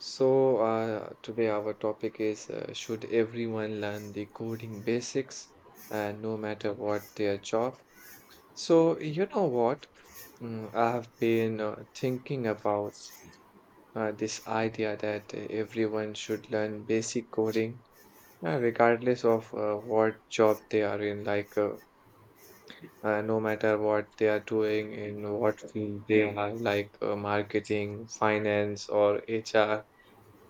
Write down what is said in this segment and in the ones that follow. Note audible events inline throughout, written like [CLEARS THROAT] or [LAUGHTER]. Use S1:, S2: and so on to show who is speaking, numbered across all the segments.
S1: Today our topic is should everyone learn the coding basics and no matter what their job? So, you know what? I have been thinking about this idea that everyone should learn basic coding, regardless of what job they are in, like no matter what they are doing, in what field they are, like marketing, finance, or HR.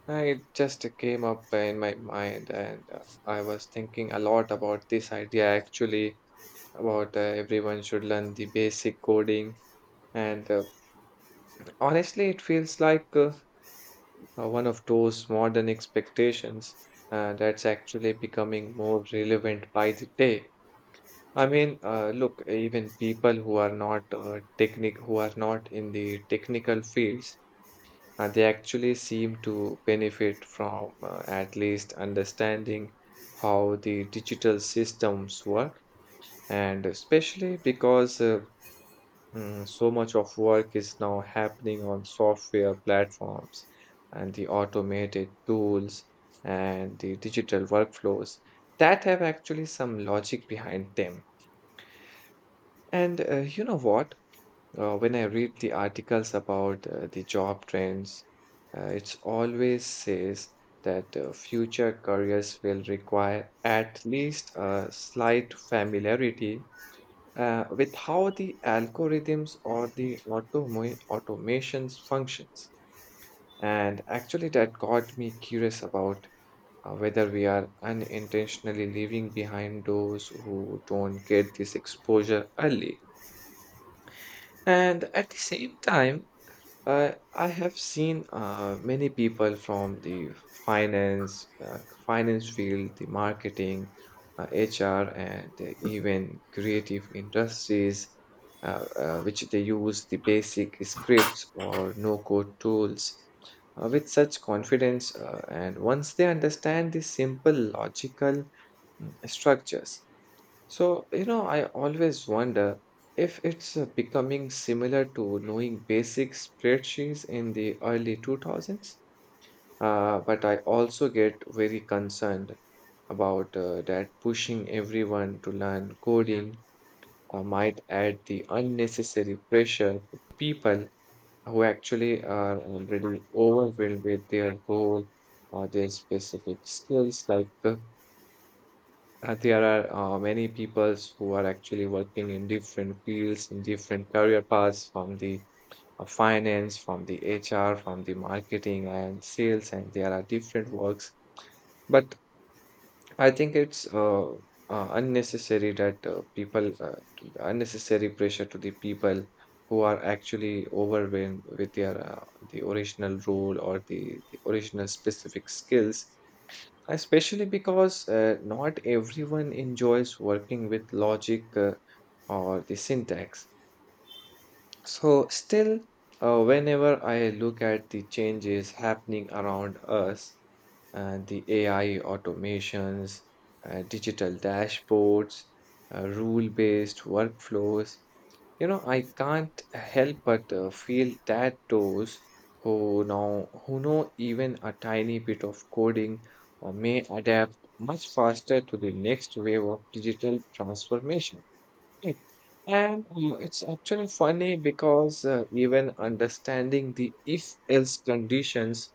S1: It just came up in my mind, and I was thinking a lot about this idea actually, about everyone should learn the basic coding. And honestly, it feels like one of those modern expectations that's actually becoming more relevant by the day. I mean, look, even people who are not technic who are not in the technical fields, they actually seem to benefit from at least understanding how the digital systems work, and especially because so much of work is now happening on software platforms and the automated tools and the digital workflows that have actually some logic behind them. And you know what? When I read the articles about the job trends, it always says that future careers will require at least a slight familiarity with how the algorithms or the automations functions. And actually, that got me curious about whether we are unintentionally leaving behind those who don't get this exposure early. And at the same time, I have seen many people from the finance field, the marketing, HR, and even creative industries, which they use the basic scripts or no-code tools with such confidence. And once they understand the simple logical structures, I always wonder if it's becoming similar to knowing basic spreadsheets in the early 2000s. But I also get very concerned about that pushing everyone to learn coding might add the unnecessary pressure to people who actually are already overwhelmed with their goal or their specific skills, like there are many peoples who are actually working in different fields, in different career paths, from the finance, from the HR, from the marketing and sales, and there are different works. But I think it's unnecessary that people, unnecessary pressure to the people who are actually overwhelmed with their the original role or the original specific skills. Especially because not everyone enjoys working with logic or the syntax. So, still, whenever I look at the changes happening around us, the AI automations, digital dashboards, rule based workflows, you know, I can't help but feel that those who know even a tiny bit of coding may adapt much faster to the next wave of digital transformation, right? And It's actually funny because even understanding the if-else conditions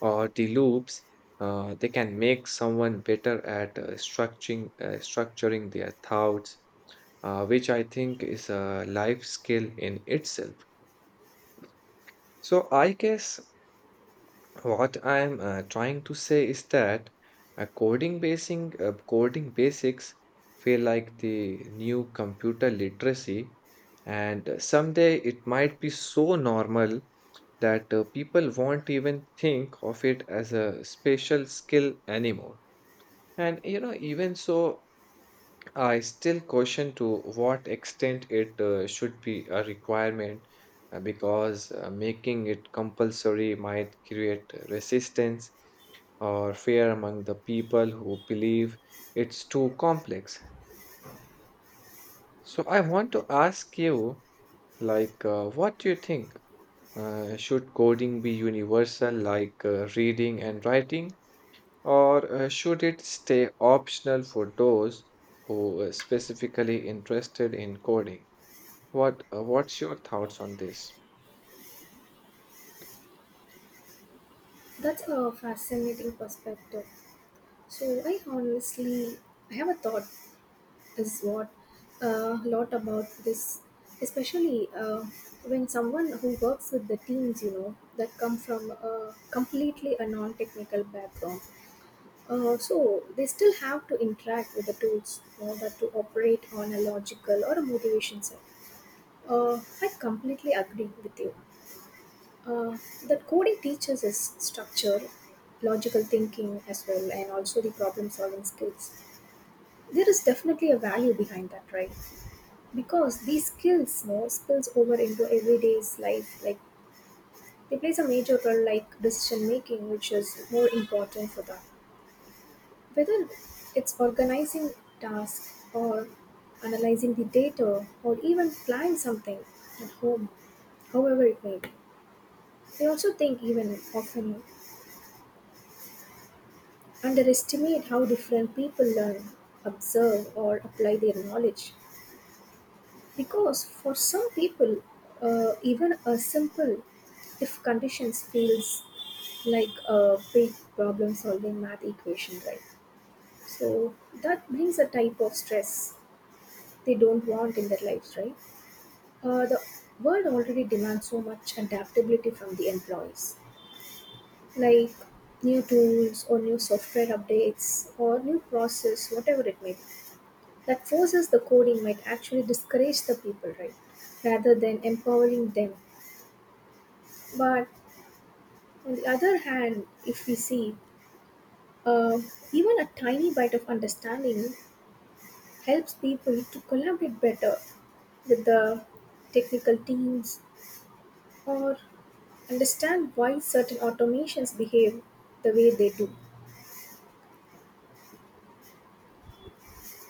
S1: or the loops, they can make someone better at structuring their thoughts, which I think is a life skill in itself. So, I guess what I'm trying to say is that coding basics feel like the new computer literacy, and someday it might be so normal that people won't even think of it as a special skill anymore. And you know, even so, I still question to what extent it should be a requirement because making it compulsory might create resistance or fear among the people who believe it's too complex. So I want to ask you, like, what do you think? Should coding be universal, like reading and writing, or should it stay optional for those who are specifically interested in coding? What's your thoughts on this?
S2: That's a fascinating perspective. So I honestly, I have a thought is what a lot about this, especially when someone who works with the teams, you know, that come from a completely a non-technical background. So they still have to interact with the tools, you know, that to operate on a logical or a motivation set. Uh, I completely agree with you uh, that coding teaches us structure, logical thinking as well, and also the problem solving skills. There is definitely a value behind that, right? Because these skills, you know, spills over into everyday's life. Like they plays a major role, like decision making, which is more important for that. Whether it's organizing tasks or analyzing the data or even planning something at home, however it may be. I also think even often underestimate how different people learn, observe, or apply their knowledge. Because for some people, even a simple if conditions feels like a big problem solving math equation, right? So that brings a type of stress they don't want in their lives, right? The world already demands so much adaptability from the employees, like new tools or new software updates or new process, whatever it may be. That forces the coding might actually discourage the people, right? Rather than empowering them. But on the other hand, if we see, uh, even a tiny bite of understanding helps people to collaborate better with the technical teams or understand why certain automations behave the way they do,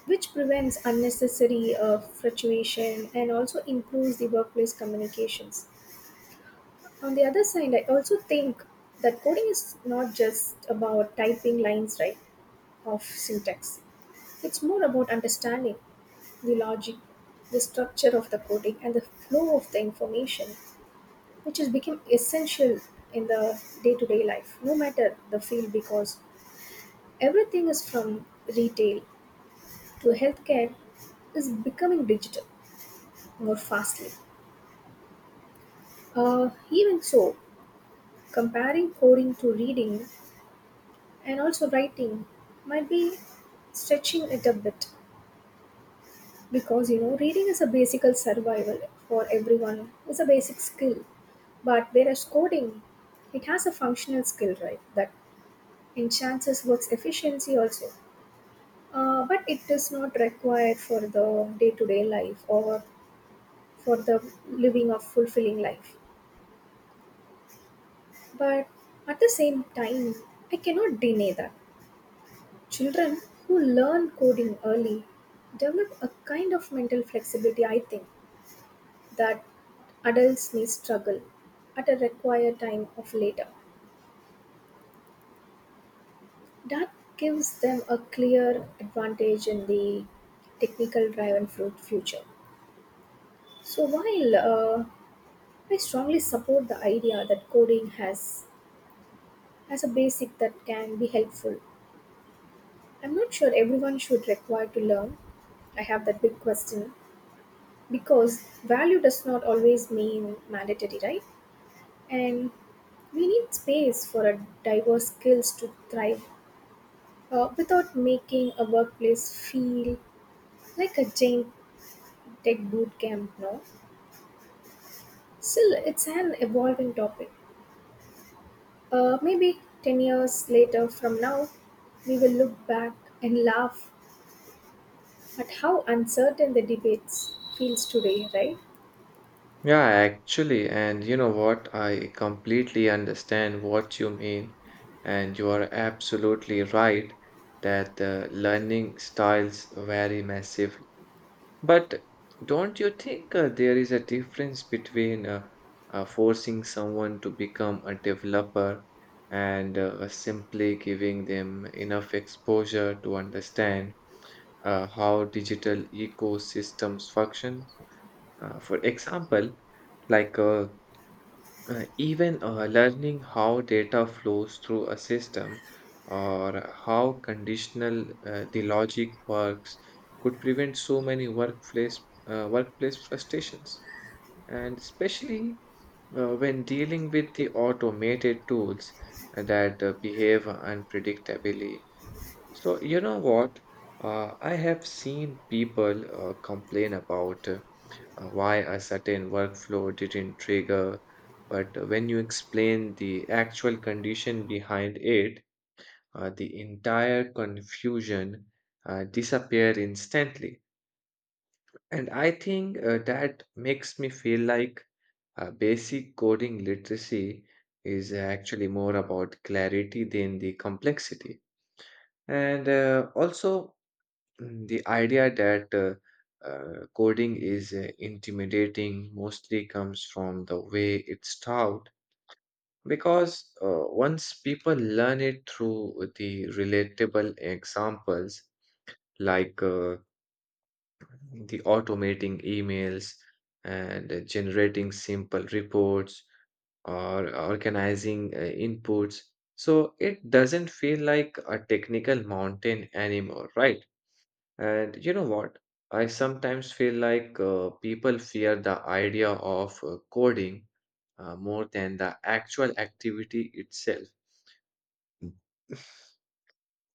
S2: which prevents unnecessary fluctuation and also improves the workplace communications. On the other side, I also think that coding is not just about typing lines right of syntax. It's more about understanding the logic, the structure of the coding, and the flow of the information, which has become essential in the day-to-day life, no matter the field, because everything is from retail to healthcare is becoming digital more fastly. Even so, comparing coding to reading and also writing might be stretching it a bit, because you know reading is a basic survival for everyone, it's a basic skill, but whereas coding, it has a functional skill right that enhances work's efficiency also, but it is not required for the day-to-day life or for the living of fulfilling life. But at the same time, I cannot deny that children who learn coding early develop a kind of mental flexibility, I think, that adults may struggle at a required time of later. That gives them a clear advantage in the technical driven fruit future. So, while I strongly support the idea that coding has as a basic that can be helpful, I'm not sure everyone should require to learn. I have that big question, because value does not always mean mandatory, right? And we need space for a diverse skills to thrive without making a workplace feel like a giant tech boot camp, no? Still, it's an evolving topic. Maybe 10 years later from now, we will look back and laugh at how uncertain the debates feels today, right?
S1: Yeah, actually, and you know what? I completely understand what you mean, and you are absolutely right that the learning styles vary massively. But don't you think there is a difference between forcing someone to become a developer and simply giving them enough exposure to understand how digital ecosystems function? For example, like even learning how data flows through a system or how conditional the logic works could prevent so many workplace frustrations. And especially when dealing with the automated tools that behave unpredictably. So, you know what? I have seen people complain about why a certain workflow didn't trigger, but when you explain the actual condition behind it, the entire confusion disappear instantly. And I think that makes me feel like basic coding literacy is actually more about clarity than the complexity. And also, Mm, the idea that coding is intimidating mostly comes from the way it's taught because once people learn it through the relatable examples like the automating emails and generating simple reports or organizing inputs, so it doesn't feel like a technical mountain anymore, right? And you know what? I sometimes feel like people fear the idea of coding more than the actual activity itself.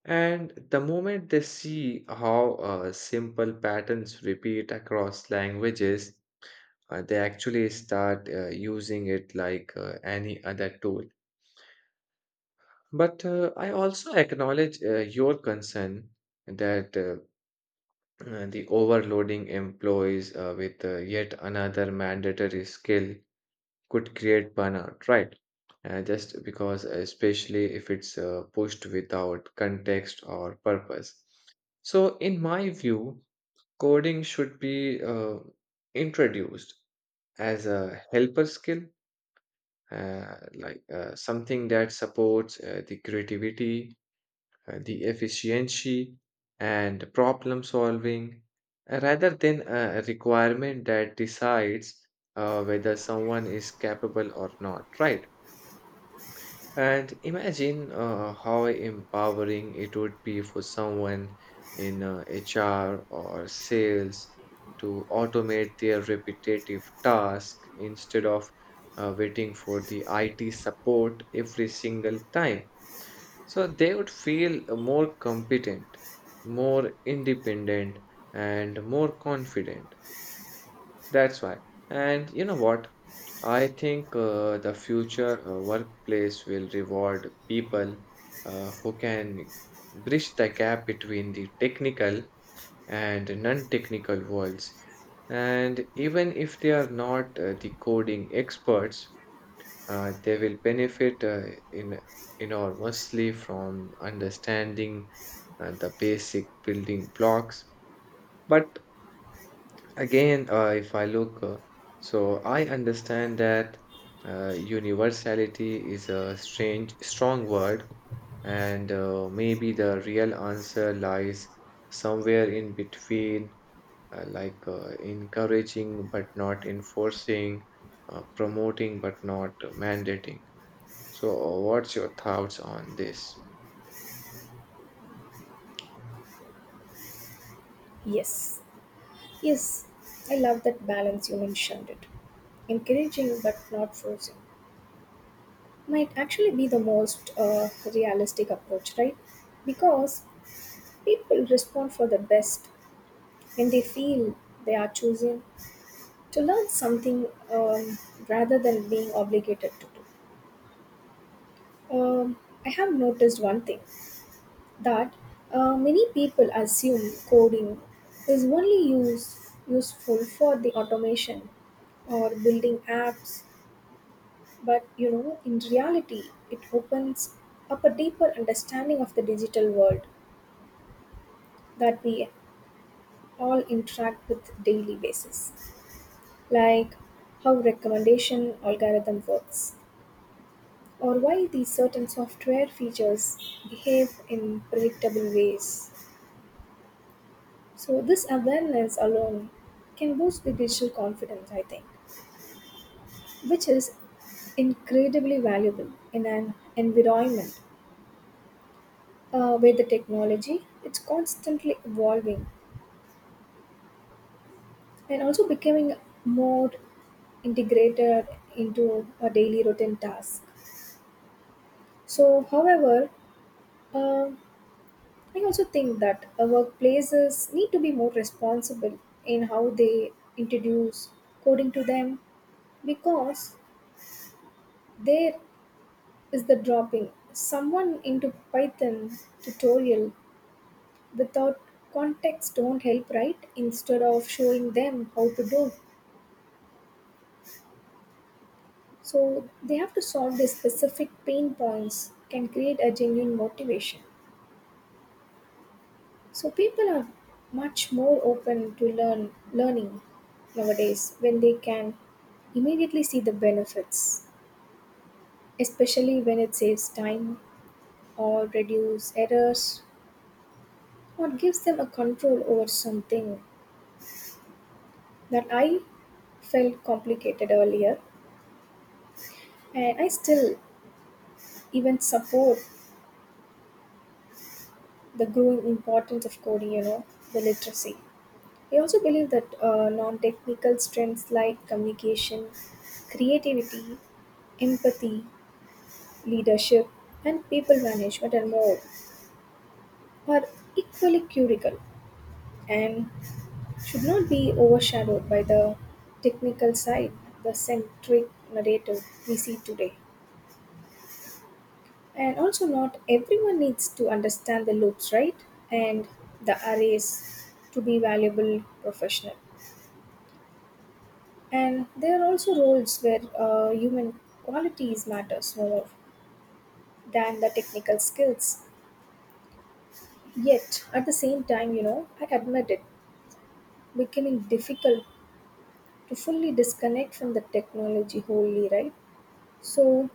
S1: And the moment they see how simple patterns repeat across languages, they actually start using it like any other tool. But I also acknowledge your concern that the overloading employees with yet another mandatory skill could create burnout, right? Just because, especially if it's pushed without context or purpose. So, in my view, coding should be introduced as a helper skill, like something that supports the creativity, the efficiency and problem solving, rather than a requirement that decides whether someone is capable or not, right? And imagine how empowering it would be for someone in HR or sales to automate their repetitive task instead of waiting for the IT support every single time, so they would feel more competent, more independent, and more confident. That's why. And you know what? I think the future workplace will reward people who can bridge the gap between the technical and non-technical worlds. And even if they are not the coding experts, they will benefit in enormously from understanding the basic building blocks. But again, if I look, so I understand that universality is a strong word, and maybe the real answer lies somewhere in between, like encouraging but not enforcing, promoting but not mandating. So, what's your thoughts on this?
S2: Yes. Yes, I love that balance you mentioned it. Encouraging but not forcing might actually be the most realistic approach, right? Because people respond for the best when they feel they are choosing to learn something, rather than being obligated to do. I have noticed one thing that many people assume coding is only useful for the automation or building apps. But you know, in reality, it opens up a deeper understanding of the digital world that we all interact with daily basis, like how recommendation algorithm works, or why these certain software features behave in predictable ways. So this awareness alone can boost the digital confidence, I think, which is incredibly valuable in an environment with the technology. It's constantly evolving and also becoming more integrated into our daily routine task. So, however, um I also think that our workplaces need to be more responsible in how they introduce coding to them, because there is the dropping someone into Python tutorial without context don't help, right? Instead of showing them how to do. So they have to solve their specific pain points can create a genuine motivation. So people are much more open to learning nowadays when they can immediately see the benefits, especially when it saves time or reduce errors or gives them a control over something that I felt complicated earlier, and I still even support the growing importance of coding, you know, the literacy. I also believe that non technical strengths like communication, creativity, empathy, leadership, and people management and more are equally critical and should not be overshadowed by the technical side, the centric narrative we see today. And also, not everyone needs to understand the loops, right? And the arrays to be valuable professional. And there are also roles where human qualities matters more than the technical skills. Yet, at the same time, you know, I admit it, becoming difficult to fully disconnect from the technology wholly, right? So,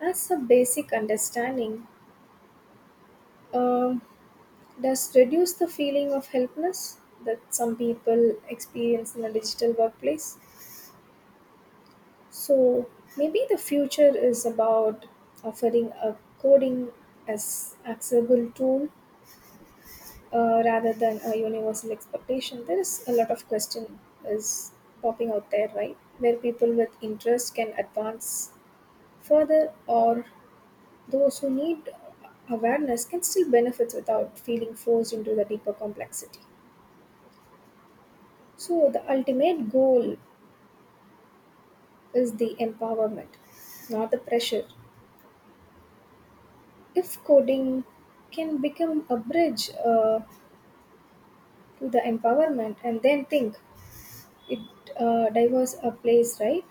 S2: as a basic understanding, um, does reduce the feeling of helplessness that some people experience in a digital workplace? So maybe the future is about offering a coding as accessible tool, rather than a universal expectation. There is a lot of question is popping out there, right? Where people with interest can advance further, or those who need awareness can still benefit without feeling forced into the deeper complexity. So the ultimate goal is the empowerment, not the pressure. If coding can become a bridge to the empowerment, and then think it diverse a place, right?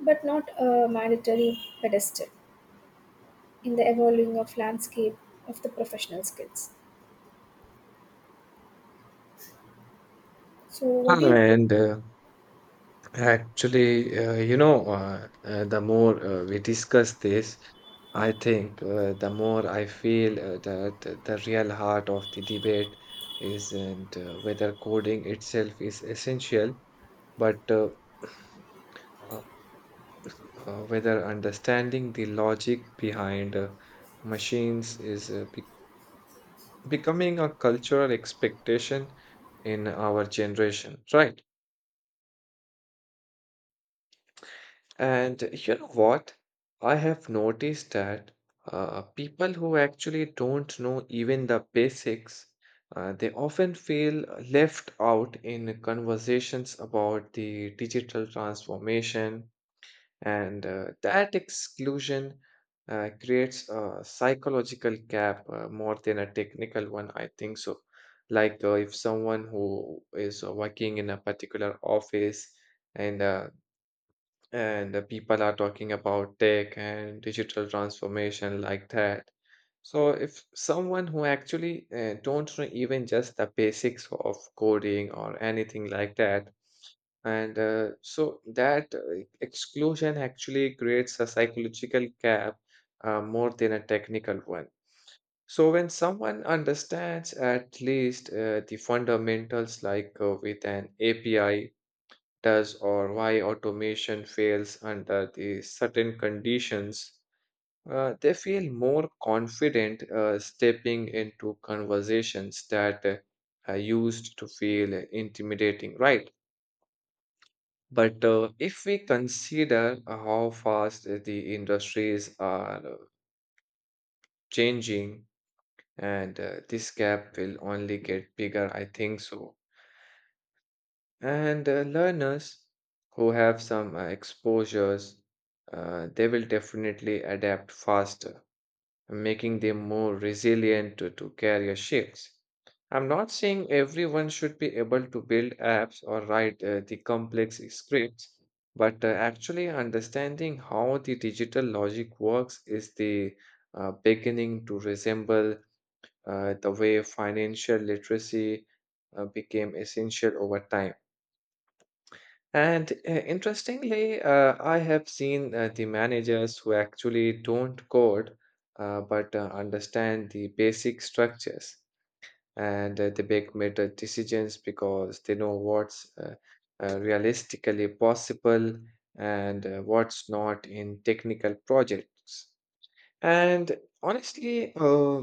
S2: But not a mandatory pedestal in the evolving of landscape of the professional skills. So, what do you think?
S1: And Actually, you know, the more we discuss this, I think the more I feel that the real heart of the debate isn't whether coding itself is essential, but uh, whether understanding the logic behind machines is becoming a cultural expectation in our generation, right? And you know what? I have noticed that people who actually don't know even the basics, they often feel left out in conversations about the digital transformation, and that exclusion creates a psychological gap more than a technical one, I think so. Like if someone who is working in a particular office and uh, and people are talking about tech and digital transformation like that, so if someone who actually don't know even just the basics of coding or anything like that, and so that exclusion actually creates a psychological gap more than a technical one. So when someone understands at least the fundamentals like with an api does or why automation fails under the certain conditions, they feel more confident stepping into conversations that are used to feel intimidating, right? But if we consider how fast the industries are changing, and this gap will only get bigger, I think so. And learners who have some exposures, they will definitely adapt faster, making them more resilient to career shifts. I'm not saying everyone should be able to build apps or write the complex scripts, but actually understanding how the digital logic works is the beginning to resemble the way financial literacy became essential over time. And interestingly, I have seen the managers who actually don't code but understand the basic structures and they make better decisions because they know what's realistically possible and what's not in technical projects. And honestly,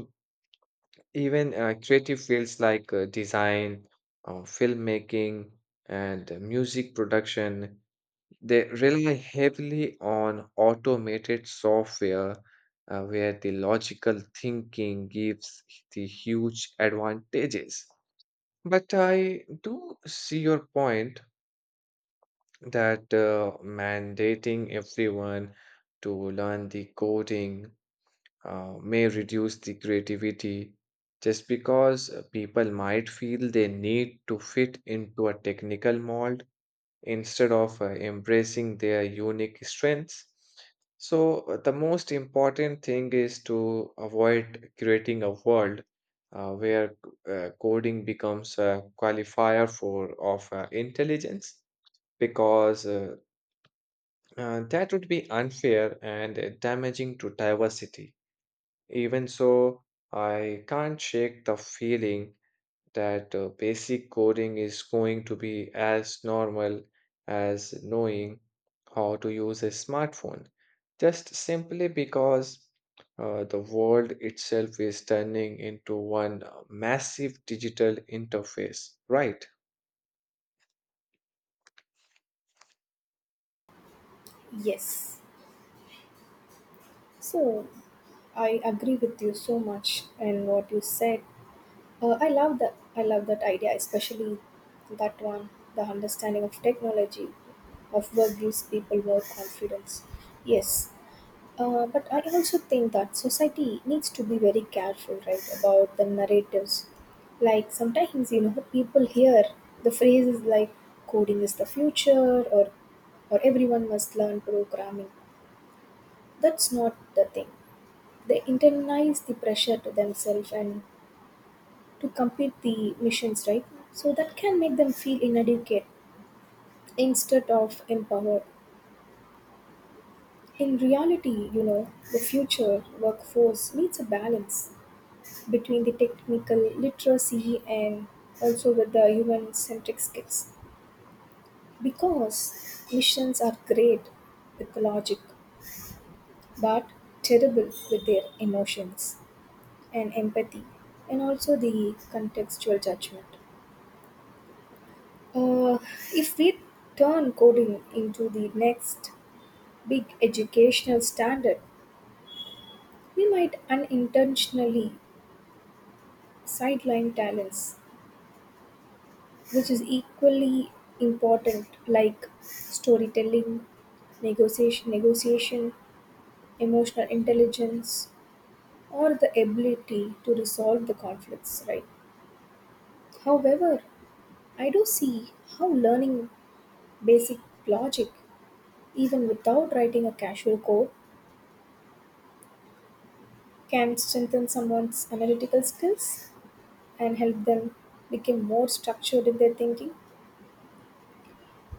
S1: even creative fields like design, filmmaking, and music production, they rely heavily on automated software, where the logical thinking gives the huge advantages. But I do see your point that mandating everyone to learn the coding may reduce the creativity just because people might feel they need to fit into a technical mold instead of embracing their unique strengths. So, the most important thing is to avoid creating a world where coding becomes a qualifier for of intelligence because that would be unfair and damaging to diversity. Even so, I can't shake the feeling that basic coding is going to be as normal as knowing how to use a smartphone, just simply because the world itself is turning into one massive digital interface, right?
S2: Yes. So, I agree with you so much and what you said. I love that. I love that idea, especially that one. The understanding of technology of work gives people more confidence. Yes, but I also think that society needs to be very careful, right, about the narratives. Like sometimes you know people hear the phrases like "coding is the future" "or everyone must learn programming." That's not the thing, they internalize the pressure to themselves and to complete the missions, right? So that can make them feel inadequate instead of empowered. In reality, you know, the future workforce needs a balance between the technical literacy and also with the human centric skills. Because missions are great with logic, but terrible with their emotions and empathy, and also the contextual judgment. Uh, if we turn coding into the next big educational standard, we might unintentionally sideline talents, which is equally important, like storytelling, negotiation, emotional intelligence, or the ability to resolve the conflicts. Right. However, I do see how learning basic logic, even without writing a casual code, can strengthen someone's analytical skills and help them become more structured in their thinking.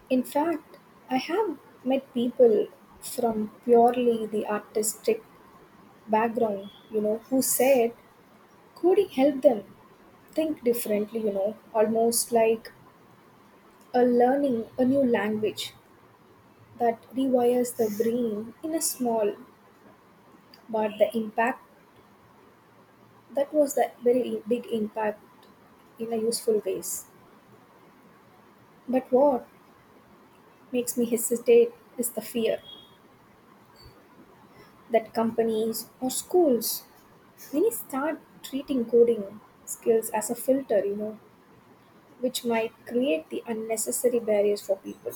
S2: In fact, I have met people from purely the artistic background, you know, who said coding helped them think differently, you know, almost like a learning a new language that rewires the brain in a small, but the impact, that was the very big impact in a useful ways. But what makes me hesitate is the fear that companies or schools many start treating coding skills as a filter, you know, which might create the unnecessary barriers for people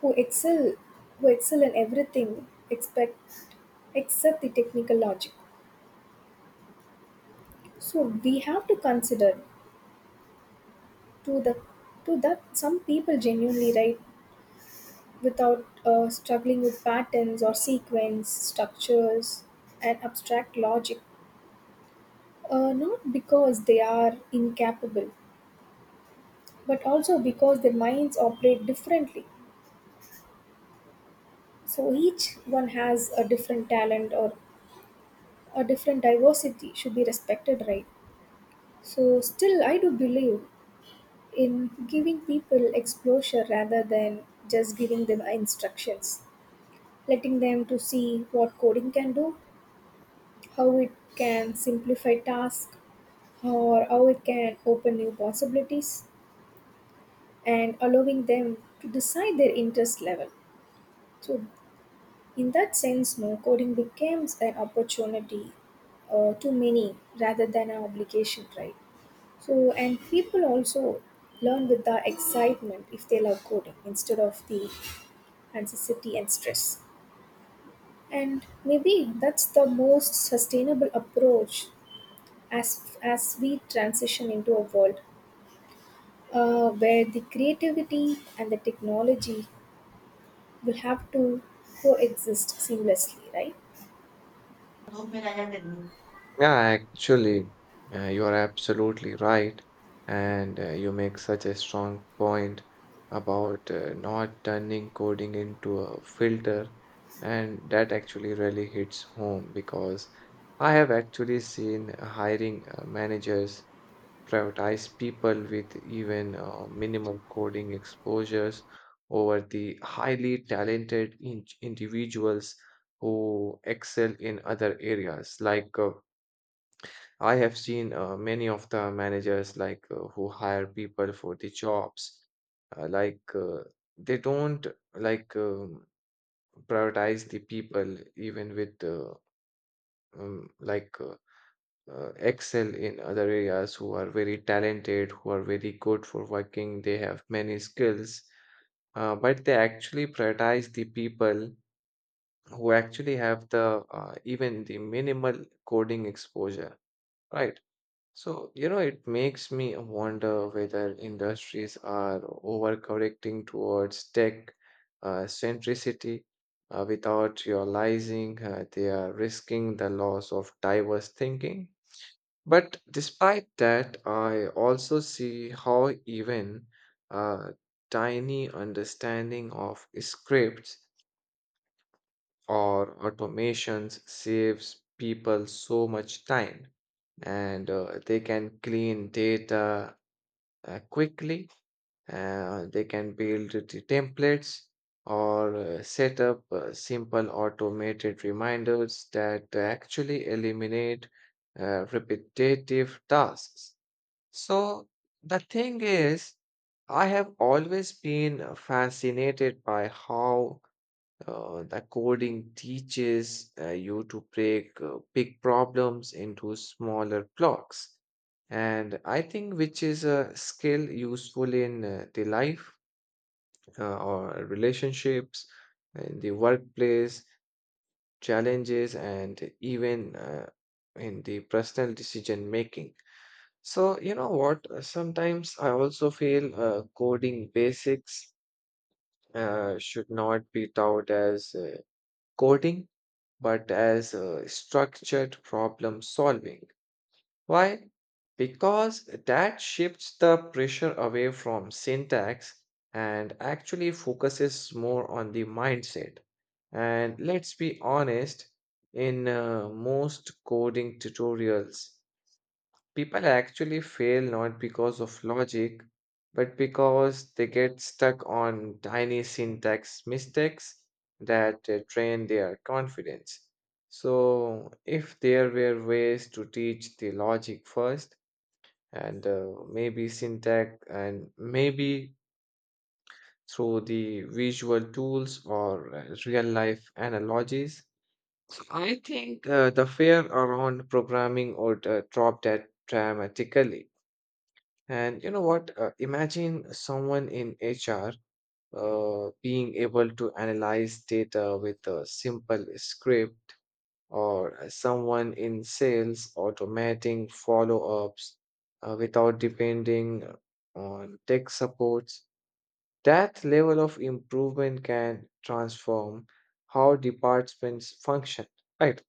S2: who excel who excel in everything expect except the technical logic. So we have to consider to the to that some people genuinely write without struggling with patterns or sequence structures and abstract logic. Not because they are incapable, but also because their minds operate differently. So each one has a different talent, or a different diversity should be respected, right? So still, I do believe in giving people exposure rather than just giving them instructions, letting them to see what coding can do, how it can simplify tasks, or how it can open new possibilities and allowing them to decide their interest level. So, in that sense, no coding becomes an opportunity to many rather than an obligation, right? So, and people also learn with the excitement if they love coding instead of the anxiety and stress. And maybe that's the most sustainable approach as we transition into a world where the creativity and the technology will have to coexist seamlessly, right?
S1: Yeah, actually, you are absolutely right. And you make such a strong point about not turning coding into a filter. And that actually really hits home because I have actually seen hiring managers prioritize people with even minimal coding exposures over the highly talented individuals who excel in other areas. I have seen many of the managers like who hire people for the jobs, uh, like uh, they don't like um, prioritize the people even with um, like uh, excel in other areas, who are very talented, who are very good for working, they have many skills, but they actually prioritize the people who actually have the even the minimal coding exposure, right? So, you know, it makes me wonder whether industries are overcorrecting towards tech centricity without realizing they are risking the loss of diverse thinking. But despite that, I also see how even a tiny understanding of scripts or automations saves people so much time and they can clean data quickly, they can build the templates or set up simple automated reminders that actually eliminate repetitive tasks. So the thing is, I have always been fascinated by how the coding teaches you to break big problems into smaller blocks. And I think which is a skill useful in the life or relationships, in the workplace, challenges, and even in the personal decision making. So, you know what? Sometimes I also feel coding basics should not be taught as coding, but as structured problem solving. Why? Because that shifts the pressure away from syntax and actually focuses more on the mindset. And let's be honest, in most coding tutorials, people actually fail not because of logic, but because they get stuck on tiny syntax mistakes that drain their confidence. So, if there were ways to teach the logic first, and maybe syntax, and maybe through the visual tools or real life analogies, I think the fear around programming would drop that dramatically. And you know what? Imagine someone in HR being able to analyze data with a simple script, or someone in sales automating follow-ups without depending on tech supports. That level of improvement can transform how departments function, right?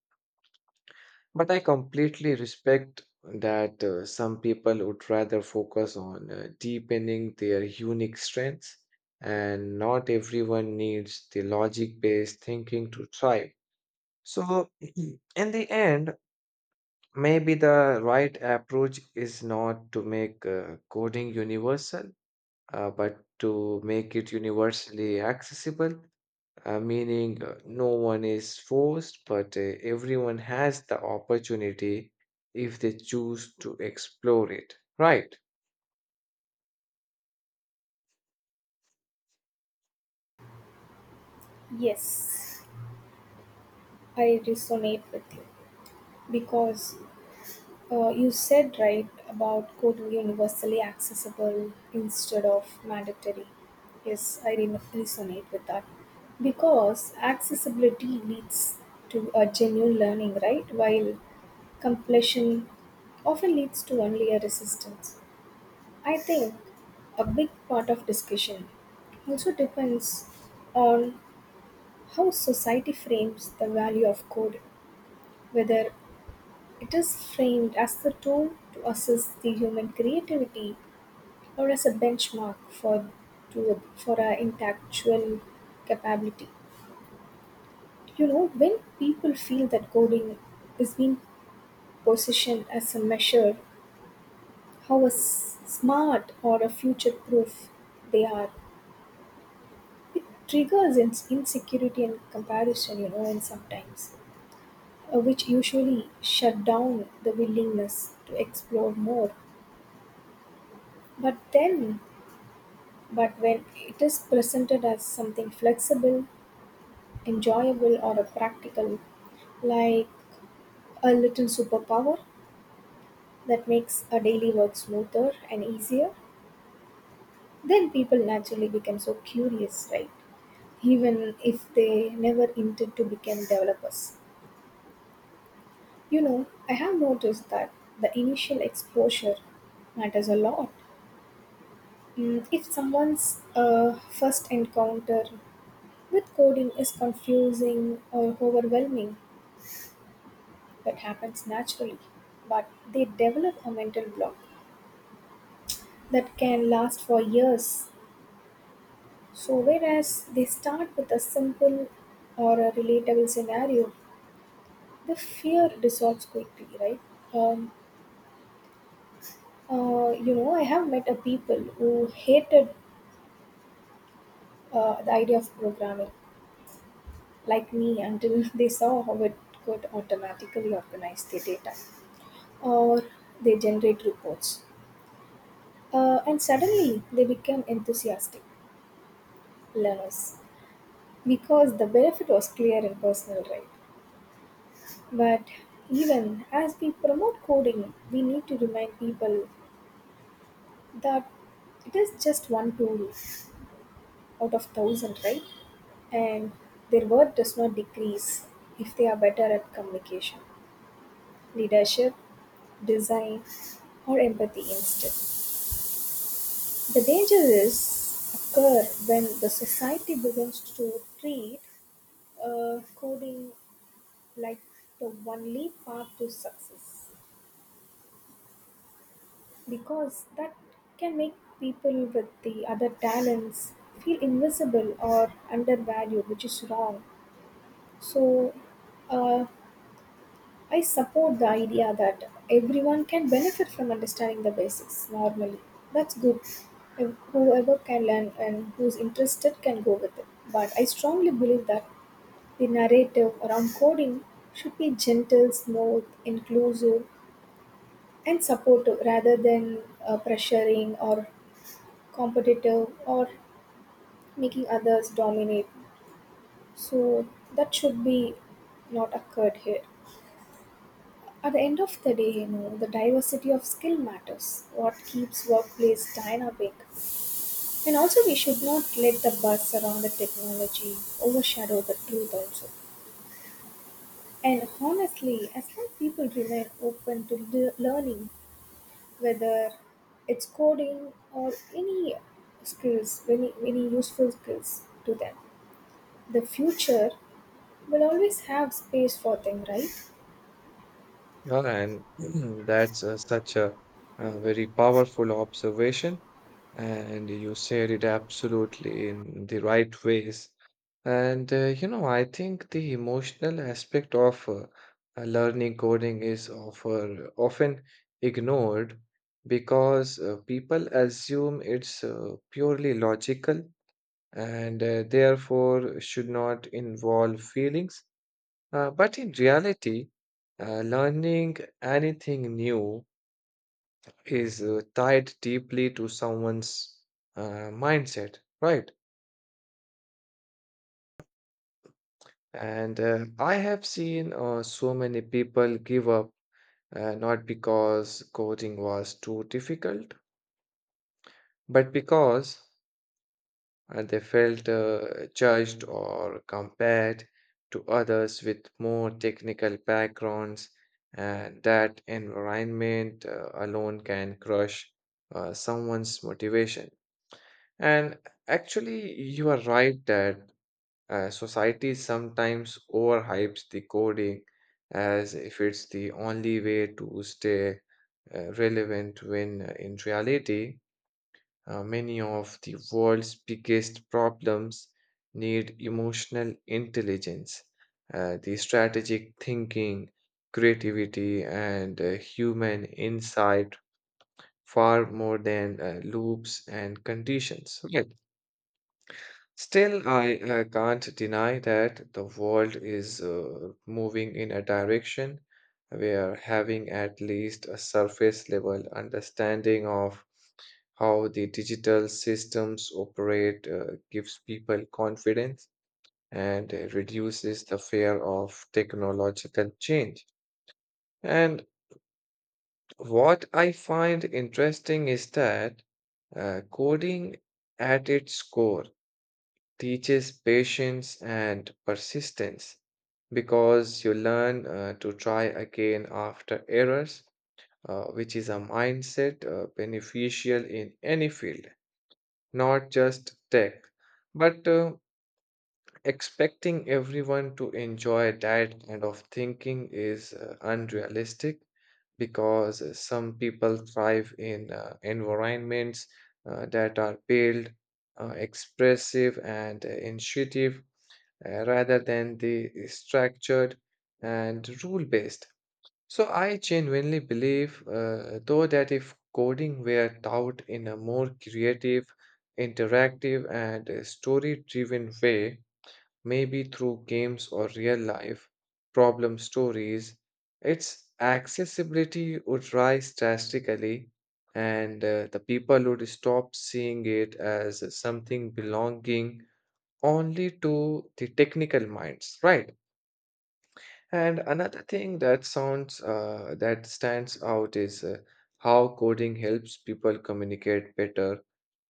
S1: But I completely respect that some people would rather focus on deepening their unique strengths, and not everyone needs the logic based thinking to thrive. So, [CLEARS THROAT] in the end, maybe the right approach is not to make coding universal, but to make it universally accessible meaning no one is forced, but everyone has the opportunity if they choose to explore it, right?
S2: Yes, I resonate with you, because you said right about coding universally accessible instead of mandatory. Yes, I resonate with that because accessibility leads to a genuine learning, right? While completion often leads to only a resistance. I think a big part of discussion also depends on how society frames the value of code, whether it is framed as the tool to assess the human creativity or as a benchmark for for our intellectual capability. You know, when people feel that coding is being positioned as a measure how a smart or a future proof they are, it triggers insecurity and comparison, you know, and sometimes, which usually shut down the willingness to explore more. But then, but when it is presented as something flexible, enjoyable, or a practical, like a little superpower that makes a daily work smoother and easier, then people naturally become so curious, right? Even if they never intend to become developers. You know, I have noticed that the initial exposure matters a lot. Mm, if someone's first encounter with coding is confusing or overwhelming, that happens naturally, but they develop a mental block that can last for years. So, whereas they start with a simple or a relatable scenario, the fear dissolves quickly, right? Um, you know, I have met a people who hated the idea of programming, like me, until [LAUGHS] they saw how it could automatically organize their data or they generate reports. And suddenly they became enthusiastic learners because the benefit was clear and personal, right? But even as we promote coding, we need to remind people that it is just one tool out of thousand, right? And their worth does not decrease if they are better at communication, leadership, design, or empathy instead. The danger is occur when the society begins to treat coding like the only path to success, because that can make people with the other talents feel invisible or undervalued, which is wrong. So, uh, I support the idea that everyone can benefit from understanding the basics normally. That's good. If whoever can learn and who's interested can go with it. But I strongly believe that the narrative around coding should be gentle, smooth, inclusive, and supportive rather than pressuring or competitive or making others dominate. So that should be not occurred here. At the end of the day, you know, the diversity of skill matters. What keeps workplace dynamic. And also we should not let the buzz around the technology overshadow the truth also. And honestly, as long people remain open to learning, whether it's coding or any skills, any useful skills to them, the future will always have space for them, right?
S1: Yeah, and [CLEARS THROAT] that's very powerful observation, and you said it absolutely in the right ways. And you know, I think the emotional aspect of learning coding is often ignored because people assume it's purely logical and therefore should not involve feelings. But in reality, learning anything new is tied deeply to someone's mindset, right? And I have seen so many people give up not because coding was too difficult, but because and they felt judged or compared to others with more technical backgrounds, and that environment alone can crush someone's motivation. And actually, you are right that society sometimes overhypes the coding as if it's the only way to stay relevant when in reality, many of the world's biggest problems need emotional intelligence, the strategic thinking, creativity, and human insight far more than loops and conditions. Right. Still, I can't deny that the world is moving in a direction where having at least a surface level understanding of how the digital systems operate gives people confidence and reduces the fear of technological change. And what I find interesting is that coding at its core teaches patience and persistence because you learn to try again after errors, which is a mindset beneficial in any field, not just tech. But expecting everyone to enjoy that kind of thinking is unrealistic because some people thrive in environments that are built, expressive, and intuitive rather than the structured and rule based. So, I genuinely believe, though, that if coding were taught in a more creative, interactive, and story driven way, maybe through games or real life problem stories, its accessibility would rise drastically, and the people would stop seeing it as something belonging only to the technical minds, right? And another thing that sounds that stands out is how coding helps people communicate better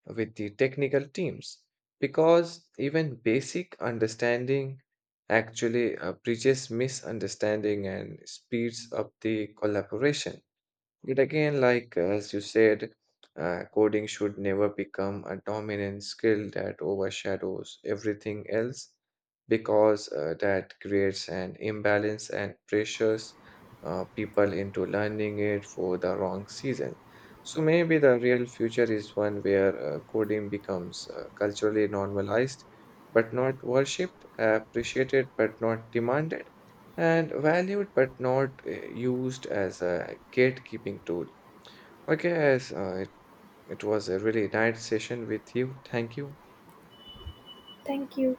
S1: with the technical teams because even basic understanding actually bridges misunderstanding and speeds up the collaboration. Yet again, like as you said, coding should never become a dominant skill that overshadows everything else because that creates an imbalance and pressures people into learning it for the wrong season. So maybe the real future is one where coding becomes culturally normalized but not worshipped, appreciated but not demanded and valued but not used as a gatekeeping tool. Okay, guys, it was a really nice session with you. Thank you.
S2: Thank you.